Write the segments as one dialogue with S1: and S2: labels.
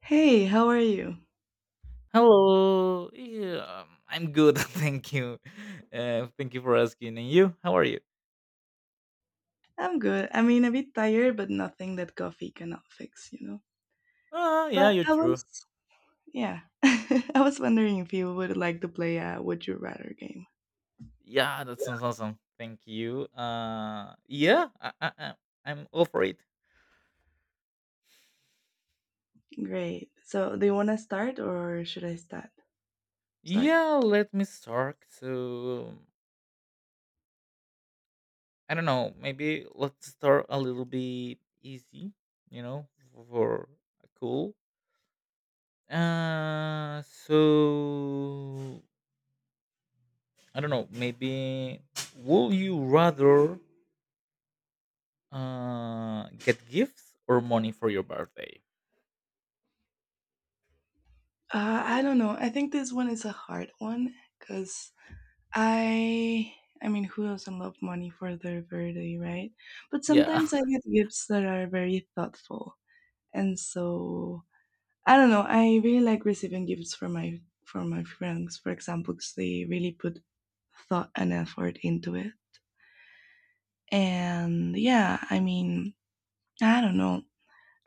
S1: Hey, how are you?
S2: Hello. Yeah, I'm good. Thank you. Thank you for asking. And you? How are you?
S1: I'm good. I mean, a bit tired, but nothing that coffee cannot fix, you know.
S2: Ah, yeah,
S1: But
S2: you're
S1: I
S2: true.
S1: was, yeah, I was wondering if you would like to play a Would You Rather game.
S2: Yeah, that sounds awesome. Thank you. Yeah, I'm all for it.
S1: Great. So, do you want to start or should I start? Start.
S2: Yeah, let me start. So I don't know. Maybe let's start a little bit easy. You know, for cool. So I don't know. Maybe will you rather? Get gifts or money for your birthday?
S1: I don't know. I think this one is a hard one because I, I mean, who doesn't love money for their birthday, right? But
S2: Yeah,
S1: sometimes I get gifts that are very thoughtful, and so I don't know. I really like receiving gifts from my friends, for example, because they really put thought and effort into it. And yeah, I mean, I don't know.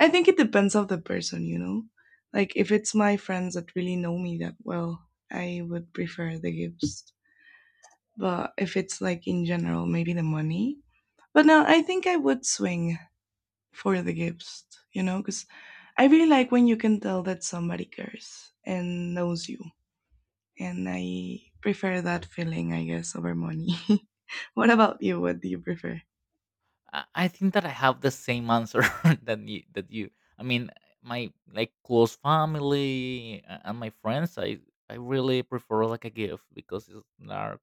S1: I think it depends of the person, you know. Like if it's my friends that really know me that well, I would prefer the gifts. But if it's like in general, maybe the money. But no, I think I would swing for the gifts, you know, because I really like when you can tell that somebody cares and knows you. And I prefer that feeling, I guess, over money. What about you? What do you prefer?
S2: I think that I have the same answer that you. I mean, my like close family and my friends. I really prefer like a gift because it's are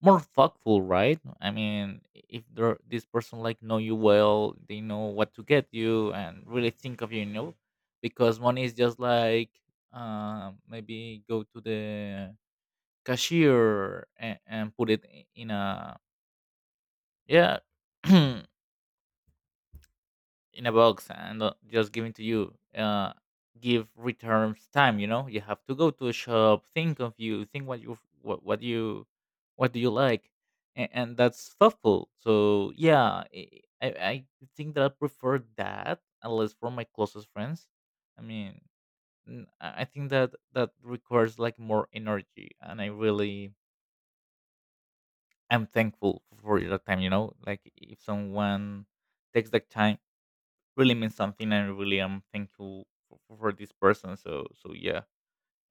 S2: more thoughtful, right? I mean, if there this person like know you well, they know what to get you and really think of you, you know. Because money is just like maybe go to the cashier and put it in a yeah in a box and just give it to you give returns time you know you have to go to a shop think of you think what you what you what do you like and that's thoughtful so yeah I think that I prefer that unless for my closest friends. I mean, I think that that requires like more energy and I really I'm thankful for your time. You know, like if someone takes that time, really means something, and really I'm thankful for this person. So yeah,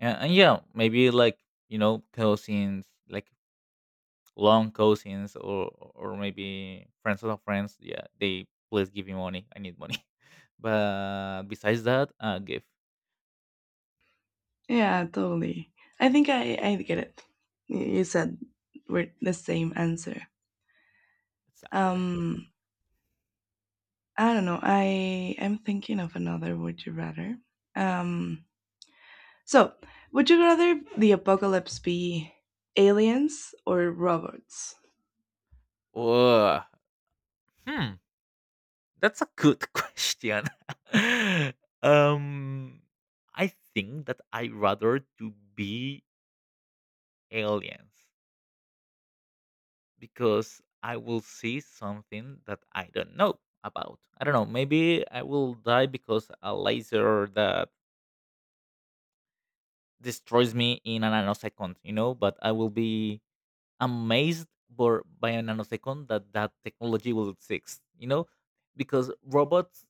S2: and yeah, maybe like you know cousins, like long cousins, or maybe friends of friends. Yeah, they please give me money. I need money. But besides that, give
S1: Yeah, totally. I think I get it. You said we're the same answer.
S2: exactly.
S1: Um, I don't know. I'm thinking of another. Would you rather? Um, so would you rather the apocalypse be aliens or robots?
S2: Ugh. Hmm. That's a good question. um, I think that I rather to be aliens because I will see something that I don't know about. I don't know. Maybe I will die because a laser that destroys me in a nanosecond. You know, but I will be amazed by a nanosecond that that technology will exist. You know, because robots,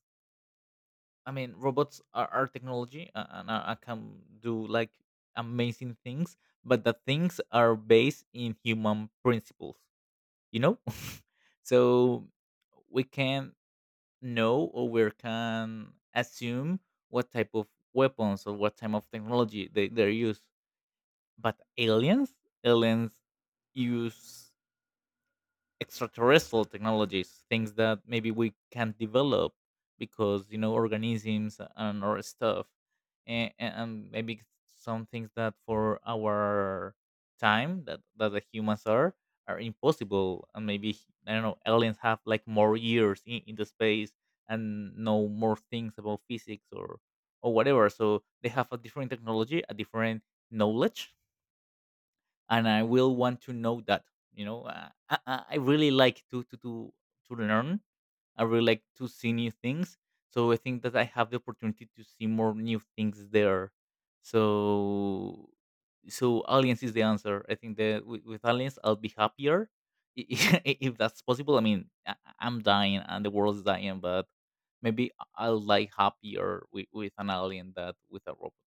S2: I mean, robots are technology, and I can do like amazing things, but the things are based in human principles, you know? So we can know or we can assume what type of weapons or what type of technology they use. But aliens, aliens use extraterrestrial technologies, things that maybe we can't develop because you know organisms and or stuff, and maybe some things that for our time that that the humans are impossible, and maybe I don't know, aliens have like more years in the space and know more things about physics or whatever, so they have a different technology, a different knowledge, and I will want to know that. You know, I really like to learn. I really like to see new things. So I think that I have the opportunity to see more new things there. So so aliens is the answer. I think that with aliens I'll be happier i- if that's possible. I mean, am dying and the world's dying, but maybe will like happier with an alien than with a robot.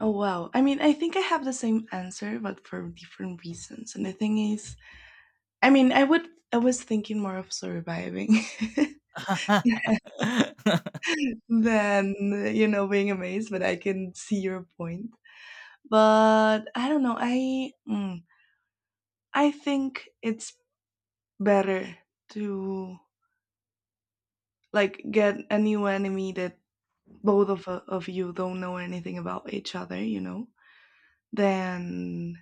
S1: Oh wow. I mean, I think I have the same answer, but for different reasons. And the thing is, I mean, I would. I was thinking more of surviving than being amazed, but I can see your point. But I don't know. I think it's better to like get a new enemy that both of you don't know anything about each other. You know, than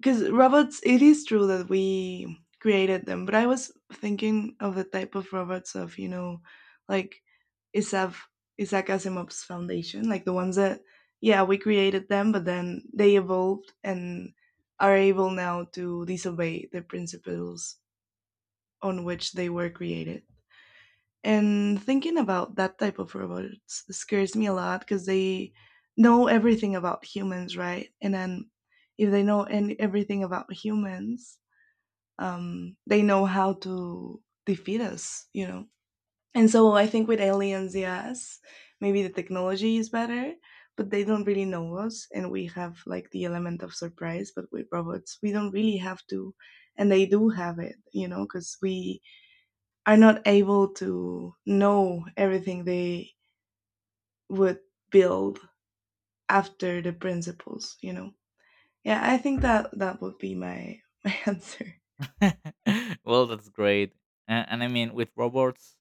S1: because robots, it is true that we created them, but I was thinking of the type of robots of, you know, like isaac isaac Asimov's Foundation, like the ones that yeah, we created them, but then they evolved and are able now to disobey the principles on which they were created. And thinking about that type of robots scares me a lot because they know everything about humans, right? And then if they know everything about humans, they know how to defeat us, you know. And so I think with aliens, yes, maybe the technology is better, but they don't really know us, and we have like the element of surprise. But with robots, we don't really have to, and they do have it, you know, because we are not able to know everything they would build after the principles, you know. Yeah, I think that that would be my my answer.
S2: Well, that's great. And I mean, with robots,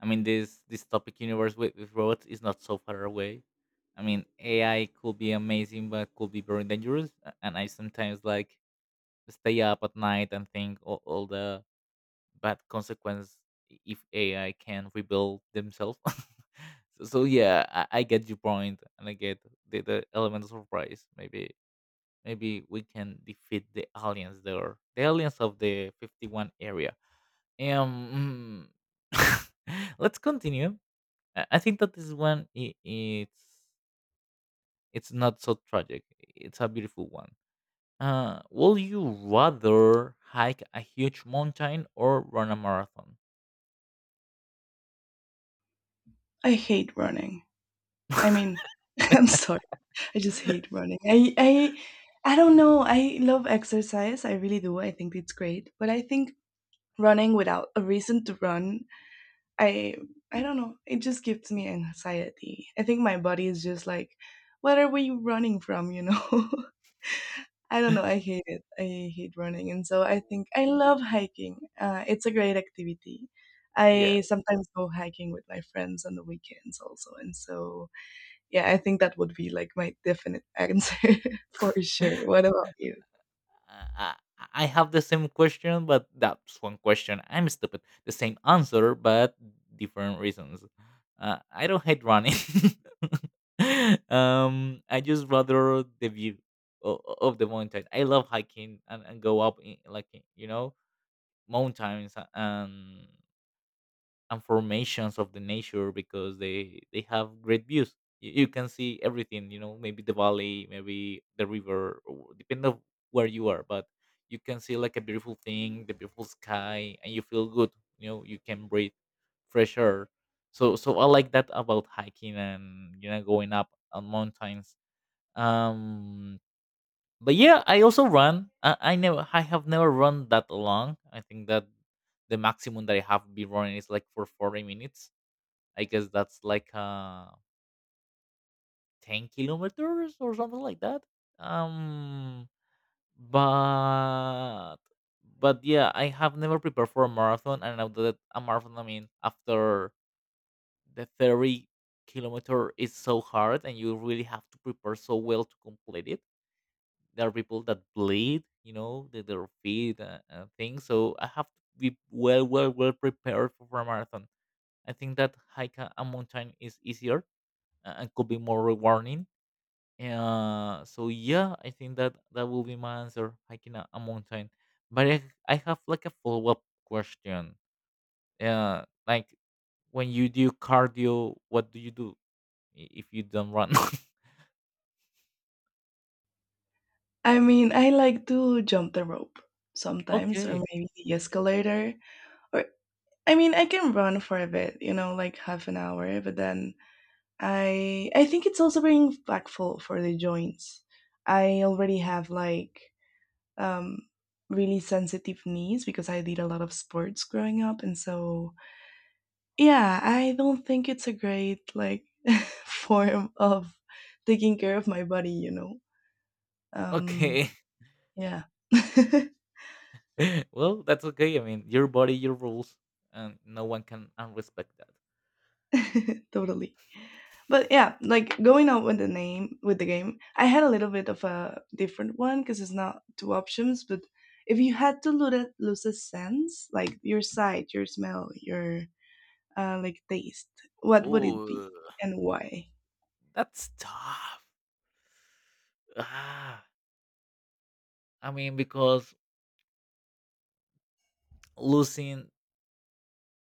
S2: I mean, this topic universe with robots is not so far away. I mean, AI could be amazing, but could be very dangerous. And I sometimes like stay up at night and think all the bad consequences if AI can rebuild themselves. So yeah, I get your point, and I get the element of surprise. Maybe we can defeat the aliens there, the aliens of the 51 area. um, mm, let's continue. I think that this one I it's not so tragic. It's a beautiful one. Will you rather hike a huge mountain or run a marathon?
S1: I hate running. I mean, I'm sorry. I just hate running. I I don't know. I love exercise. I really do. I think it's great. But I think running without a reason to run, I I don't know. It just gives me anxiety. I think my body is just like, what are we running from, you know? I don't know. I hate it. I hate running. And so I think I love hiking. It's a great activity.
S2: yeah.
S1: I sometimes go hiking with my friends on the weekends also. And so yeah, I think that would be like my definite answer for sure. What about you?
S2: I, I I have the same question, but that's one question. I'm stupid. The same answer, but different reasons. I don't hate running. I just rather the view of the mountain. I love hiking and, go up in, like you know, mountains and formations of the nature because they have great views. You can see everything, you know, maybe the valley, maybe the river, or depending on where you are. But you can see like a beautiful thing, the beautiful sky, and you feel good. You know, you can breathe fresh air. So I like that about hiking and you know going up on mountains. um but yeah, I also run. I have never run that long. I think that the maximum that I have been running is like for 40 minutes. I guess that's like 10 kilometers or something like that. Um, but but yeah, I have never prepared for a marathon. And I know that a marathon, I mean, after the 30 kilometer is so hard, and you really have to prepare so well to complete it. There are people that bleed, you know, their feet, and things, so I have to be well well well prepared for a marathon. I think that hike a mountain is easier, and could be more rewarding. So yeah, I think that that will be my answer, hiking a mountain. But I have like a follow-up question. Like when you do cardio, what do you do if you don't run?
S1: I mean, I like to jump the rope sometimes, or
S2: okay.
S1: maybe the escalator. Or I mean, I can run for a bit, you know, like half an hour. But then I think it's also very impactful for the joints. I already have like um, really sensitive knees because I did a lot of sports growing up, and so yeah, I don't think it's a great like form of taking care of my body, you know. Um,
S2: Okay.
S1: yeah.
S2: Well, that's okay. I mean, your body, your rules, and no one can unrespect that.
S1: Totally. But yeah, like going out with the name with the game, I had a little bit of a different one because it's not two options, but if you had to lose lose a sense, like your sight, your smell, your like taste, what would it be
S2: Ooh,
S1: and why?
S2: that's tough. Ah, I mean, because losing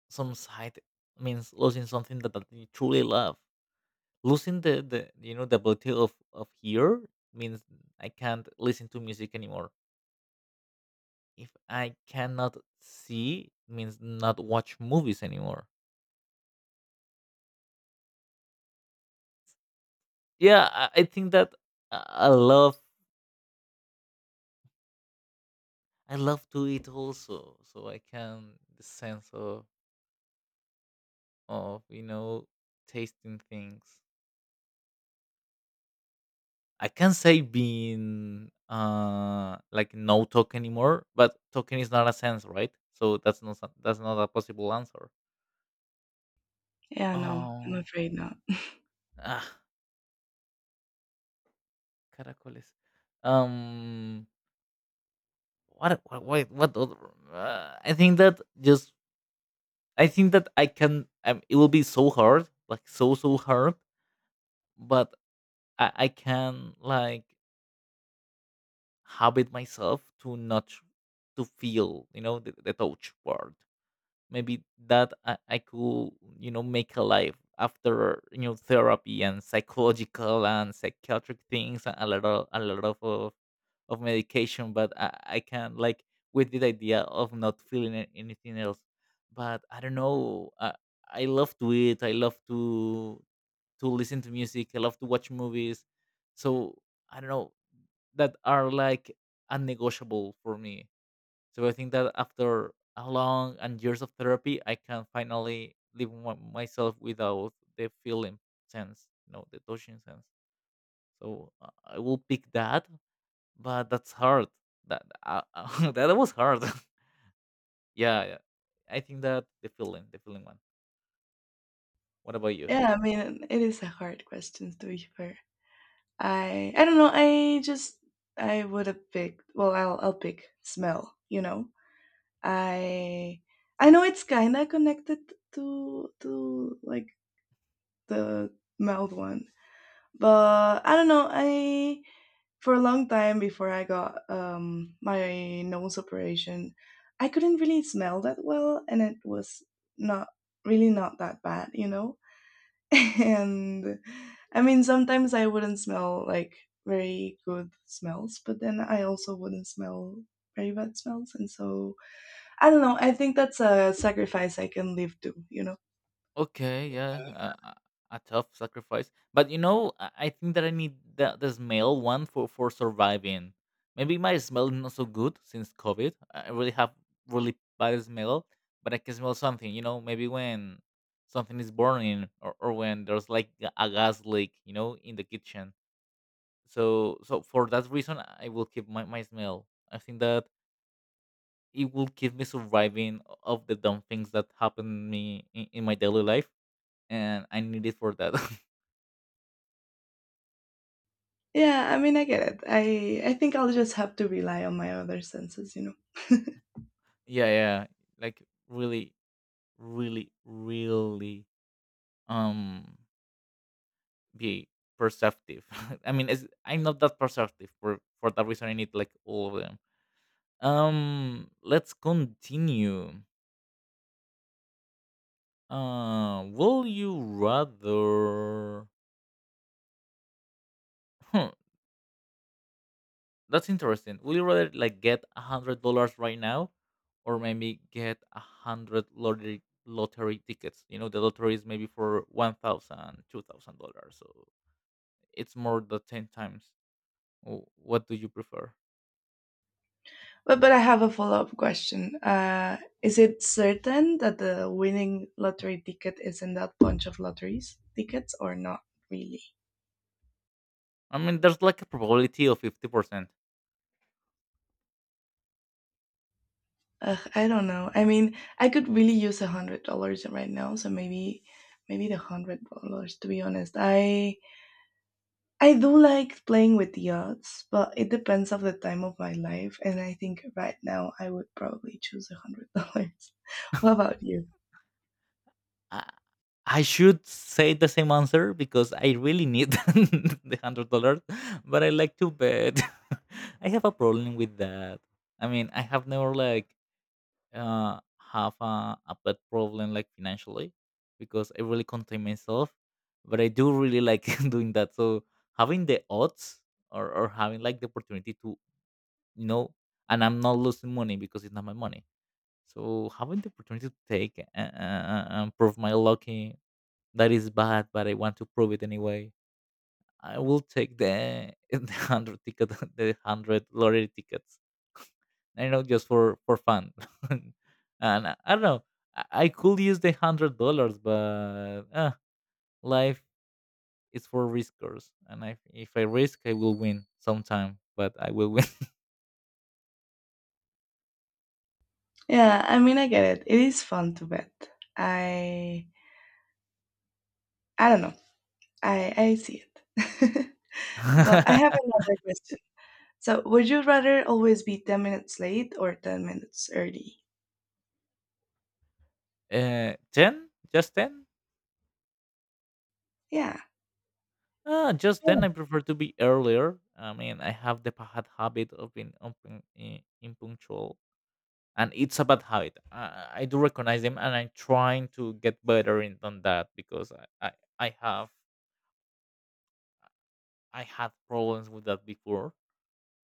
S2: some sight means losing something that you truly love. Losing the you know the ability of hear means I can't listen to music anymore. If I cannot see, means not watch movies anymore. Yeah, I think that I I love I love to eat also, so I can the sense of you know tasting things. I can't say being like no talk anymore, but talking is not a sense, right? So that's not a possible answer.
S1: Yeah, no, I'm
S2: Oh,
S1: afraid not.
S2: ah, caracoles. Um, what what what, what other, I think that just I think that I can. It will be so hard, like so hard, but I can like habit myself to not to feel, you know, the touch part. Maybe that I could, you know, make a life after, you know, therapy and psychological and psychiatric things and a lot of medication. But I can like with the idea of not feeling anything else. But I don't know, I love to eat, I love to listen to music. I love to watch movies. So I don't know, that are like unnegotiable for me. So I think that after a long and years of therapy, I can finally live myself without the feeling sense, you know, the touching sense. So I will pick that, but that's hard. That that was hard. yeah, yeah, I think that the feeling one. What about you?
S1: Yeah, I mean, it is a hard question to be fair. I don't know. I just I would have picked. Well, I'll pick smell. You know, I I know it's kinda connected to like the mouth one, but I don't know. I for a long time before I got my nose operation, I couldn't really smell that well, and it was not really not that bad. You know, and I mean, sometimes I wouldn't smell like very good smells, but then I also wouldn't smell very bad smells. And so I don't know. I think that's a sacrifice I can live to, you know?
S2: Okay, yeah, a tough sacrifice. But you know, I think that I need the smell one for surviving. Maybe my smell is not so good since COVID. I really have really bad smell, but I can smell something. You know, maybe when something is burning, or when there's like a gas leak, you know, in the kitchen. So for that reason, I will keep my smell. I think that it will keep me surviving of the dumb things that happen me in my daily life, and I need it for that.
S1: Yeah, I mean, I get it. I think I'll just have to rely on my other senses, you know?
S2: yeah, yeah, like really, really, really, um, be perceptive. I mean, it's, I'm not that perceptive for that reason. I need like all of them. Let's continue. Will you rather? That's interesting. Would you rather like get $100 right now, or maybe get 100 lottery tickets? You know, the lottery is maybe for 1,000, $2,000, so it's more than ten times. What do you prefer?
S1: But I have a follow up question. Is it certain that the winning lottery ticket is in that bunch of lotteries tickets or not really?
S2: I mean, there's like a probability of 50%.
S1: Ugh, I don't know. I mean, I could really use $100 right now, so maybe the $100. To be honest, I do like playing with the odds, but it depends of the time of my life, and I think right now I would probably choose $100. What about you?
S2: I, I should say the same answer because I really need the $100, but I like to bet. I have a problem with that. I mean, I have never like have a bad problem like financially, because I really contain myself, but I do really like doing that. So having the odds, or having like the opportunity to you know, and I'm not losing money because it's not my money. So having the opportunity to take and prove my lucky, that is bad, but I want to prove it anyway. I will take the the 100 ticket, the 100 lottery tickets. I know, just for fun. And I don't know. I could use the $100, but life is for riskers, and I, if I risk I will win sometime, but I will win.
S1: Yeah, I mean, I get it. It is fun to bet. I I don't know. I see it. But I have another question. So, would you rather always be 10 minutes late or 10 minutes early?
S2: 10? Just 10?
S1: Yeah.
S2: Ah, just 10,
S1: Yeah.
S2: I prefer to be earlier. I mean, I have the bad habit of being impunctual, and it's a bad habit. I do recognize them, and I'm trying to get better in on that because I have, I had problems with that before,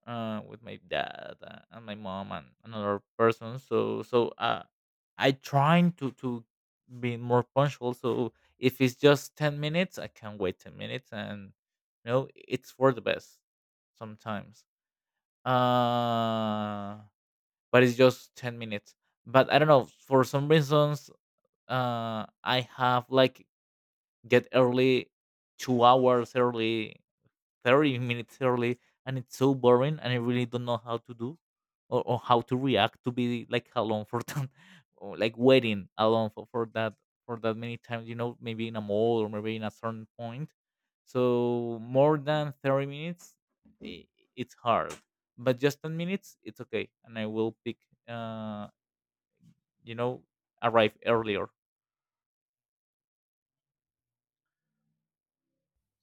S2: with my dad and my mom and another person. So I trying to be more punctual. So if it's just 10 minutes, I can wait 10 minutes, and you know, it's for the best sometimes. Uh, but it's just 10 minutes, but I don't know, for some reasons I have like get early 2 hours early, 30 minutes early, and it's so boring, and I really don't know how to do, or how to react to be like alone for that, or like waiting alone for that, for that many times. You know, maybe in a mall or maybe in a certain point. So more than 30 minutes, I it's hard. But just 10 minutes, it's okay, and I will pick. Uh, you know, arrive earlier.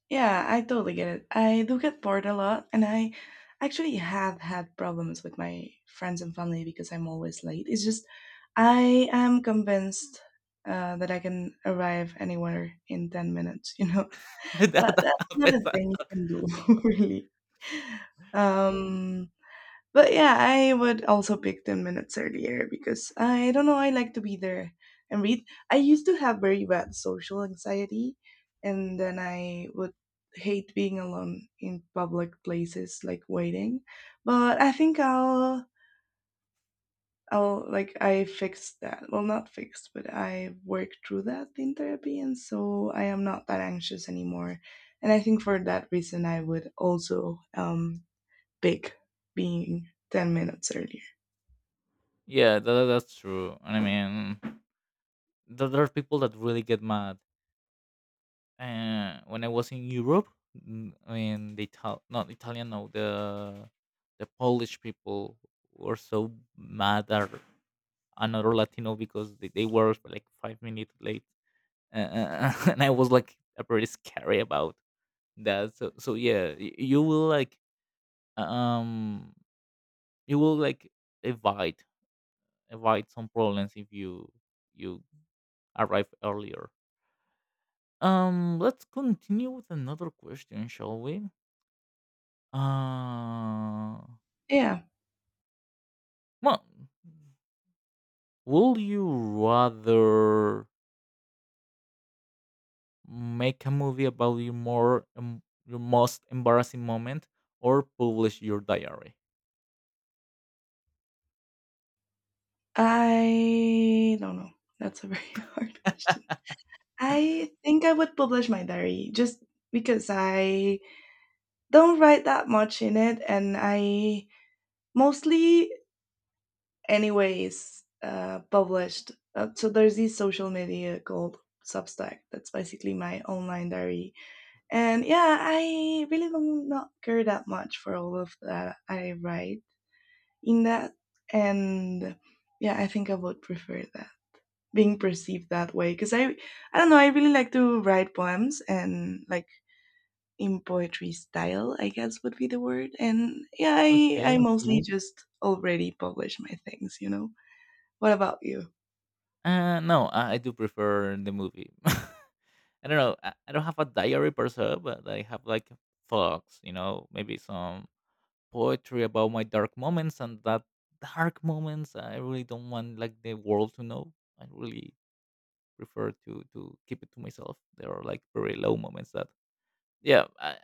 S1: Yeah, I totally get it. I do get bored a lot, and I actually have had problems with my friends and family because I'm always late. It's just I am convinced that I can arrive anywhere in 10 minutes, you know? But
S2: That
S1: that's not a
S2: happens.
S1: thing you can do, really. Um, But yeah, I would also pick 10 minutes earlier because I don't know, I like to be there and read. I used to have very bad social anxiety, and then I would hate being alone in public places like waiting. But I think I'll like I fixed that. Well, not fixed, but I worked through that in therapy and so I am not that anxious anymore. And I think for that reason I would also big, being 10 minutes earlier.
S2: Yeah, that's true. I mean, there are people that really get mad. When I was in Europe, I mean, the not Italian, no, the Polish people were so mad at another Latino because they were like 5 minutes late, and I was like pretty scary about that. So so yeah, um you will like avoid avoid some problems if you arrive earlier. Let's continue with another question, shall we? Uh,
S1: Yeah,
S2: well, will you rather make a movie about your more your most embarrassing moment, or publish your diary?
S1: I don't know. That's a very hard question. I think I would publish my diary just because I don't write that much in it and I mostly anyways published. So there's this social media called Substack. That's basically my online diary. And yeah, I really don't not care that much for all of that I write in that. And yeah, I think I would prefer that being perceived that way because I don't know, I really like to write poems and like in poetry style I guess would be the word. And yeah, I
S2: Okay.
S1: mostly Mhm. just already publish my things, you know. What about you?
S2: No, I do prefer the movie. I don't know. I don't have a diary per se, but I have like thoughts, you know, maybe some poetry about my dark moments, and that dark moments I really don't want like the world to know. I really prefer to keep it to myself. There are like very low moments that yeah,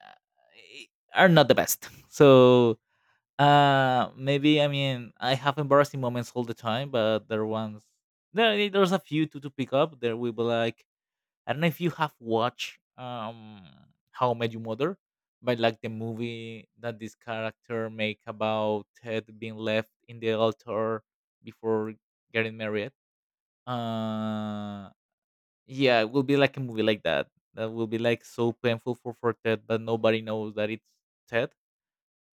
S2: I, are not the best. So maybe, I mean, I have embarrassing moments all the time, but there ones, there's a few to pick up. There will be like, I don't know if you have watched How I Met Your Mother, but like the movie that this character make about Ted being left in the altar before getting married. Uh yeah, it will be like a movie like that. That will be like so painful for Ted, but nobody knows that it's Ted.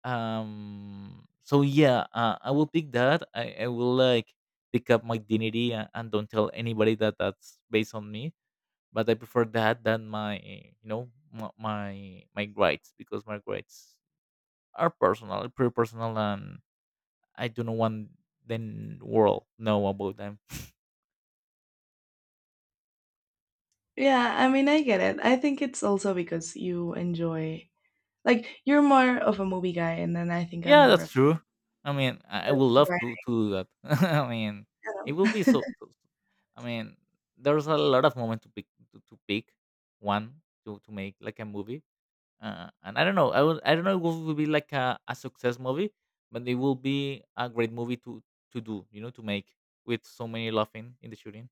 S2: So yeah, I will pick that. I will like pick up my dignity and don't tell anybody that that's based on me, but I prefer that than my, you know, my, my grades, because my grades are personal, pretty personal, and I do not want the world know about them.
S1: Yeah, I mean, I get it. I think it's also because you enjoy, like, you're more of a movie guy, and then I think I'm
S2: Yeah,
S1: more
S2: that's
S1: of
S2: true. I mean, I would love to
S1: right.
S2: to do that. I mean, it will be so, so I mean, there's a lot of moment to pick to pick one to make like a movie. And I don't know. I would. I don't know. It will be like a success movie, but it will be a great movie to do. You know, to make with so many laughing in the shooting.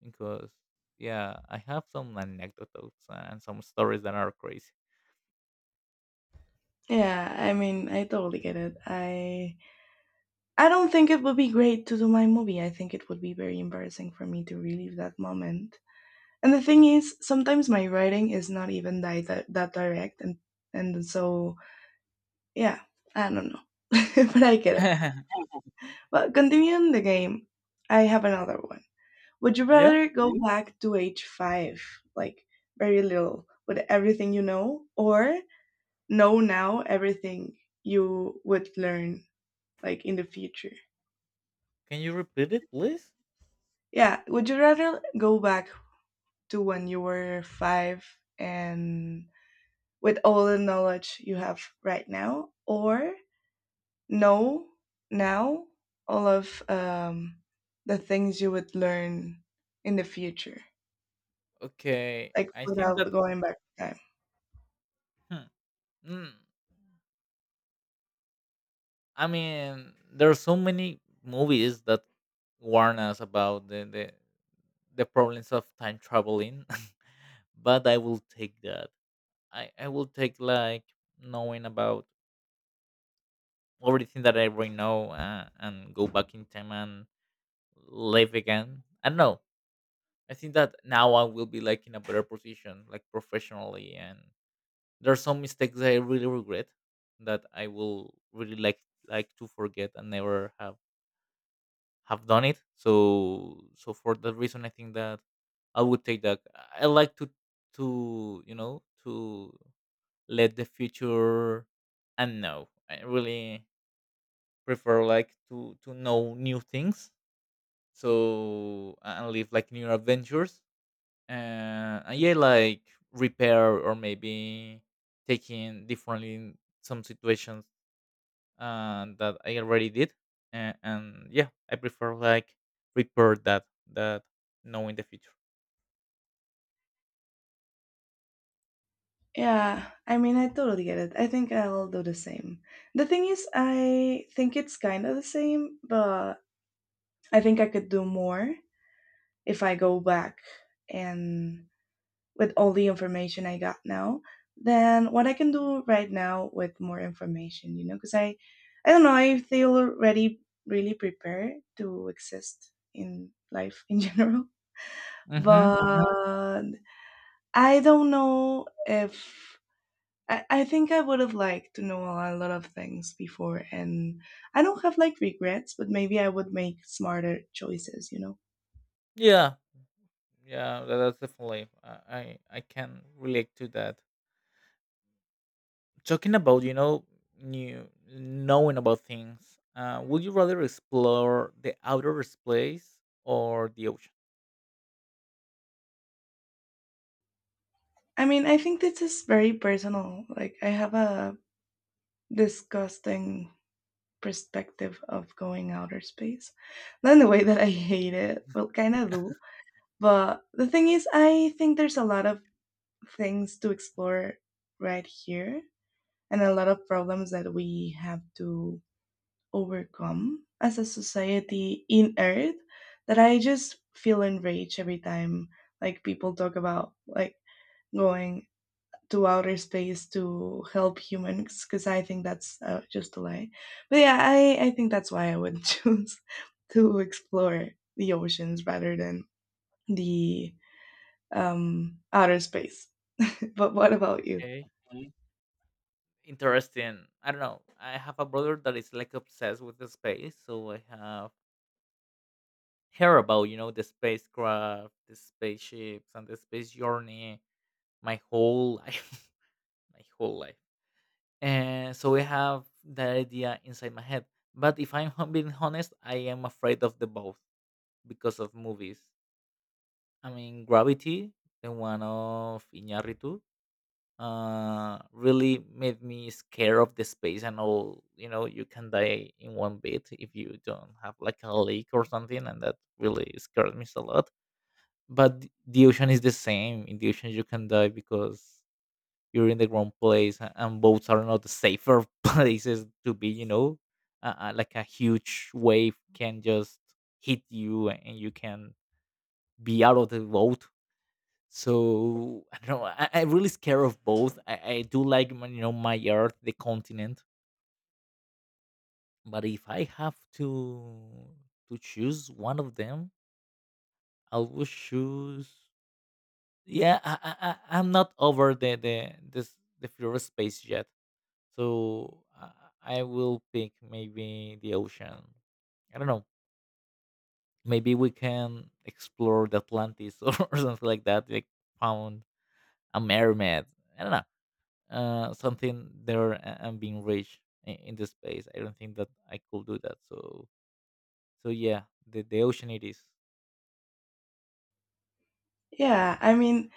S2: Because yeah, I have some anecdotes and some stories that are crazy.
S1: Yeah, I mean, I totally get it. I don't think it would be great to do my movie. I think it would be very embarrassing for me to relive that moment. And the thing is, sometimes my writing is not even that that direct, and so yeah, I don't know, but I get it. But continuing the game, I have another one. Would you
S2: Yeah.
S1: rather go back to age five, like very little, with everything you know, or know now everything you would learn, like in the future?
S2: Can you repeat it, please?
S1: Yeah, would you rather go back to when you were five and with all the knowledge you have right now, or know now all of the things you would learn in the future?
S2: Okay,
S1: Like
S2: I think
S1: without
S2: that.
S1: going back in time.
S2: Hmm, mm, I mean, there are so many movies that warn us about the problems of time traveling, but I will take that. I will take like knowing about everything that I already know, and go back in time and live again. I don't know. I think that now I will be like in a better position, like professionally, and there are some mistakes that I really regret, that I will really like to forget and never have done it. So so for that reason, I think that I would take that. I like to, you know, to let the future and know. I really prefer like to know new things. So and live like new adventures. And yeah, like repair, or maybe taking differently in some situations that I already did, and yeah, I prefer like repair that, that know in the future.
S1: Yeah, I mean, I totally get it. I think I'll do the same. The thing is, I think it's kind of the same, but I think I could do more if I go back and with all the information I got now than what I can do right now with more information, you know, because I don't know, I feel already really prepared to exist in life in general.
S2: Mm-hmm.
S1: But I don't know if I think I would have liked to know a lot of things before, and I don't have like regrets, but maybe I would make smarter choices, you know.
S2: Yeah, yeah, that's definitely, I can relate to that. Talking about, you know, new knowing about things, would you rather explore the outer space or the ocean?
S1: I mean, I think this is very personal. Like, I have a disgusting perspective of going outer space. Not in the way that I hate it, well, kind of do. But the thing is, I think there's a lot of things to explore right here and a lot of problems that we have to overcome as a society in Earth that I just feel enraged every time like people talk about like going to outer space to help humans because I think that's just a lie. But yeah, I think that's why I would choose to explore the oceans rather than the outer space. But what about you?
S2: Okay, interesting. I don't know. I have a brother that is like obsessed with the space, so I have heard about, you know, the spacecraft, the spaceships, and the space journey my whole life, my whole life. And so I have that idea inside my head. But if being honest, I am afraid of the both because of movies. I mean, Gravity, the one of Iñárritu, really made me scared of the space, and all, you know, you can die in one bit if you don't have like a leak or something, and that really scared me a lot. But the ocean is the same. In the ocean, you can die because you're in the wrong place, and boats are not the safer places to be. You know, like a huge wave can just hit you, and you can be out of the boat. So I don't know. I'm really scared of both. I do like my, you know, my earth, the continent, but if I have to choose one of them, I will choose. Yeah, I'm not over the floor space yet, so i I will pick maybe the ocean. I don't know, maybe we can explore the Atlantis, or something like that, like found a mermaid, I don't know, something there, and being rich. In the space, I don't think that I could do that, so so yeah, the ocean it is.
S1: Yeah, I mean,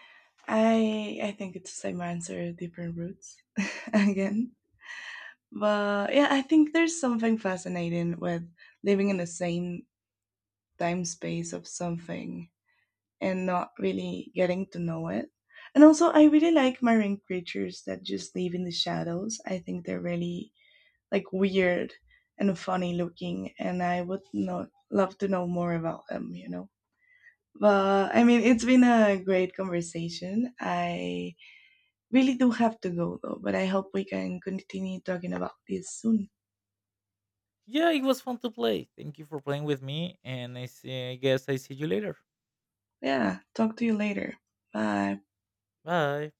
S1: I think it's the same answer, different routes again. But yeah, I think there's something fascinating with living in the same time space of something and not really getting to know it. And also, I really like marine creatures that just live in the shadows. I think they're really like weird and funny looking, and I would not love to know more about them. You know, but I mean, it's been a great conversation. I really do have to go though, but I hope we can continue talking about this soon.
S2: Yeah, it was fun to play. Thank you for playing with me, and I guess I see you later.
S1: Yeah, talk to you later. Bye.
S2: Bye.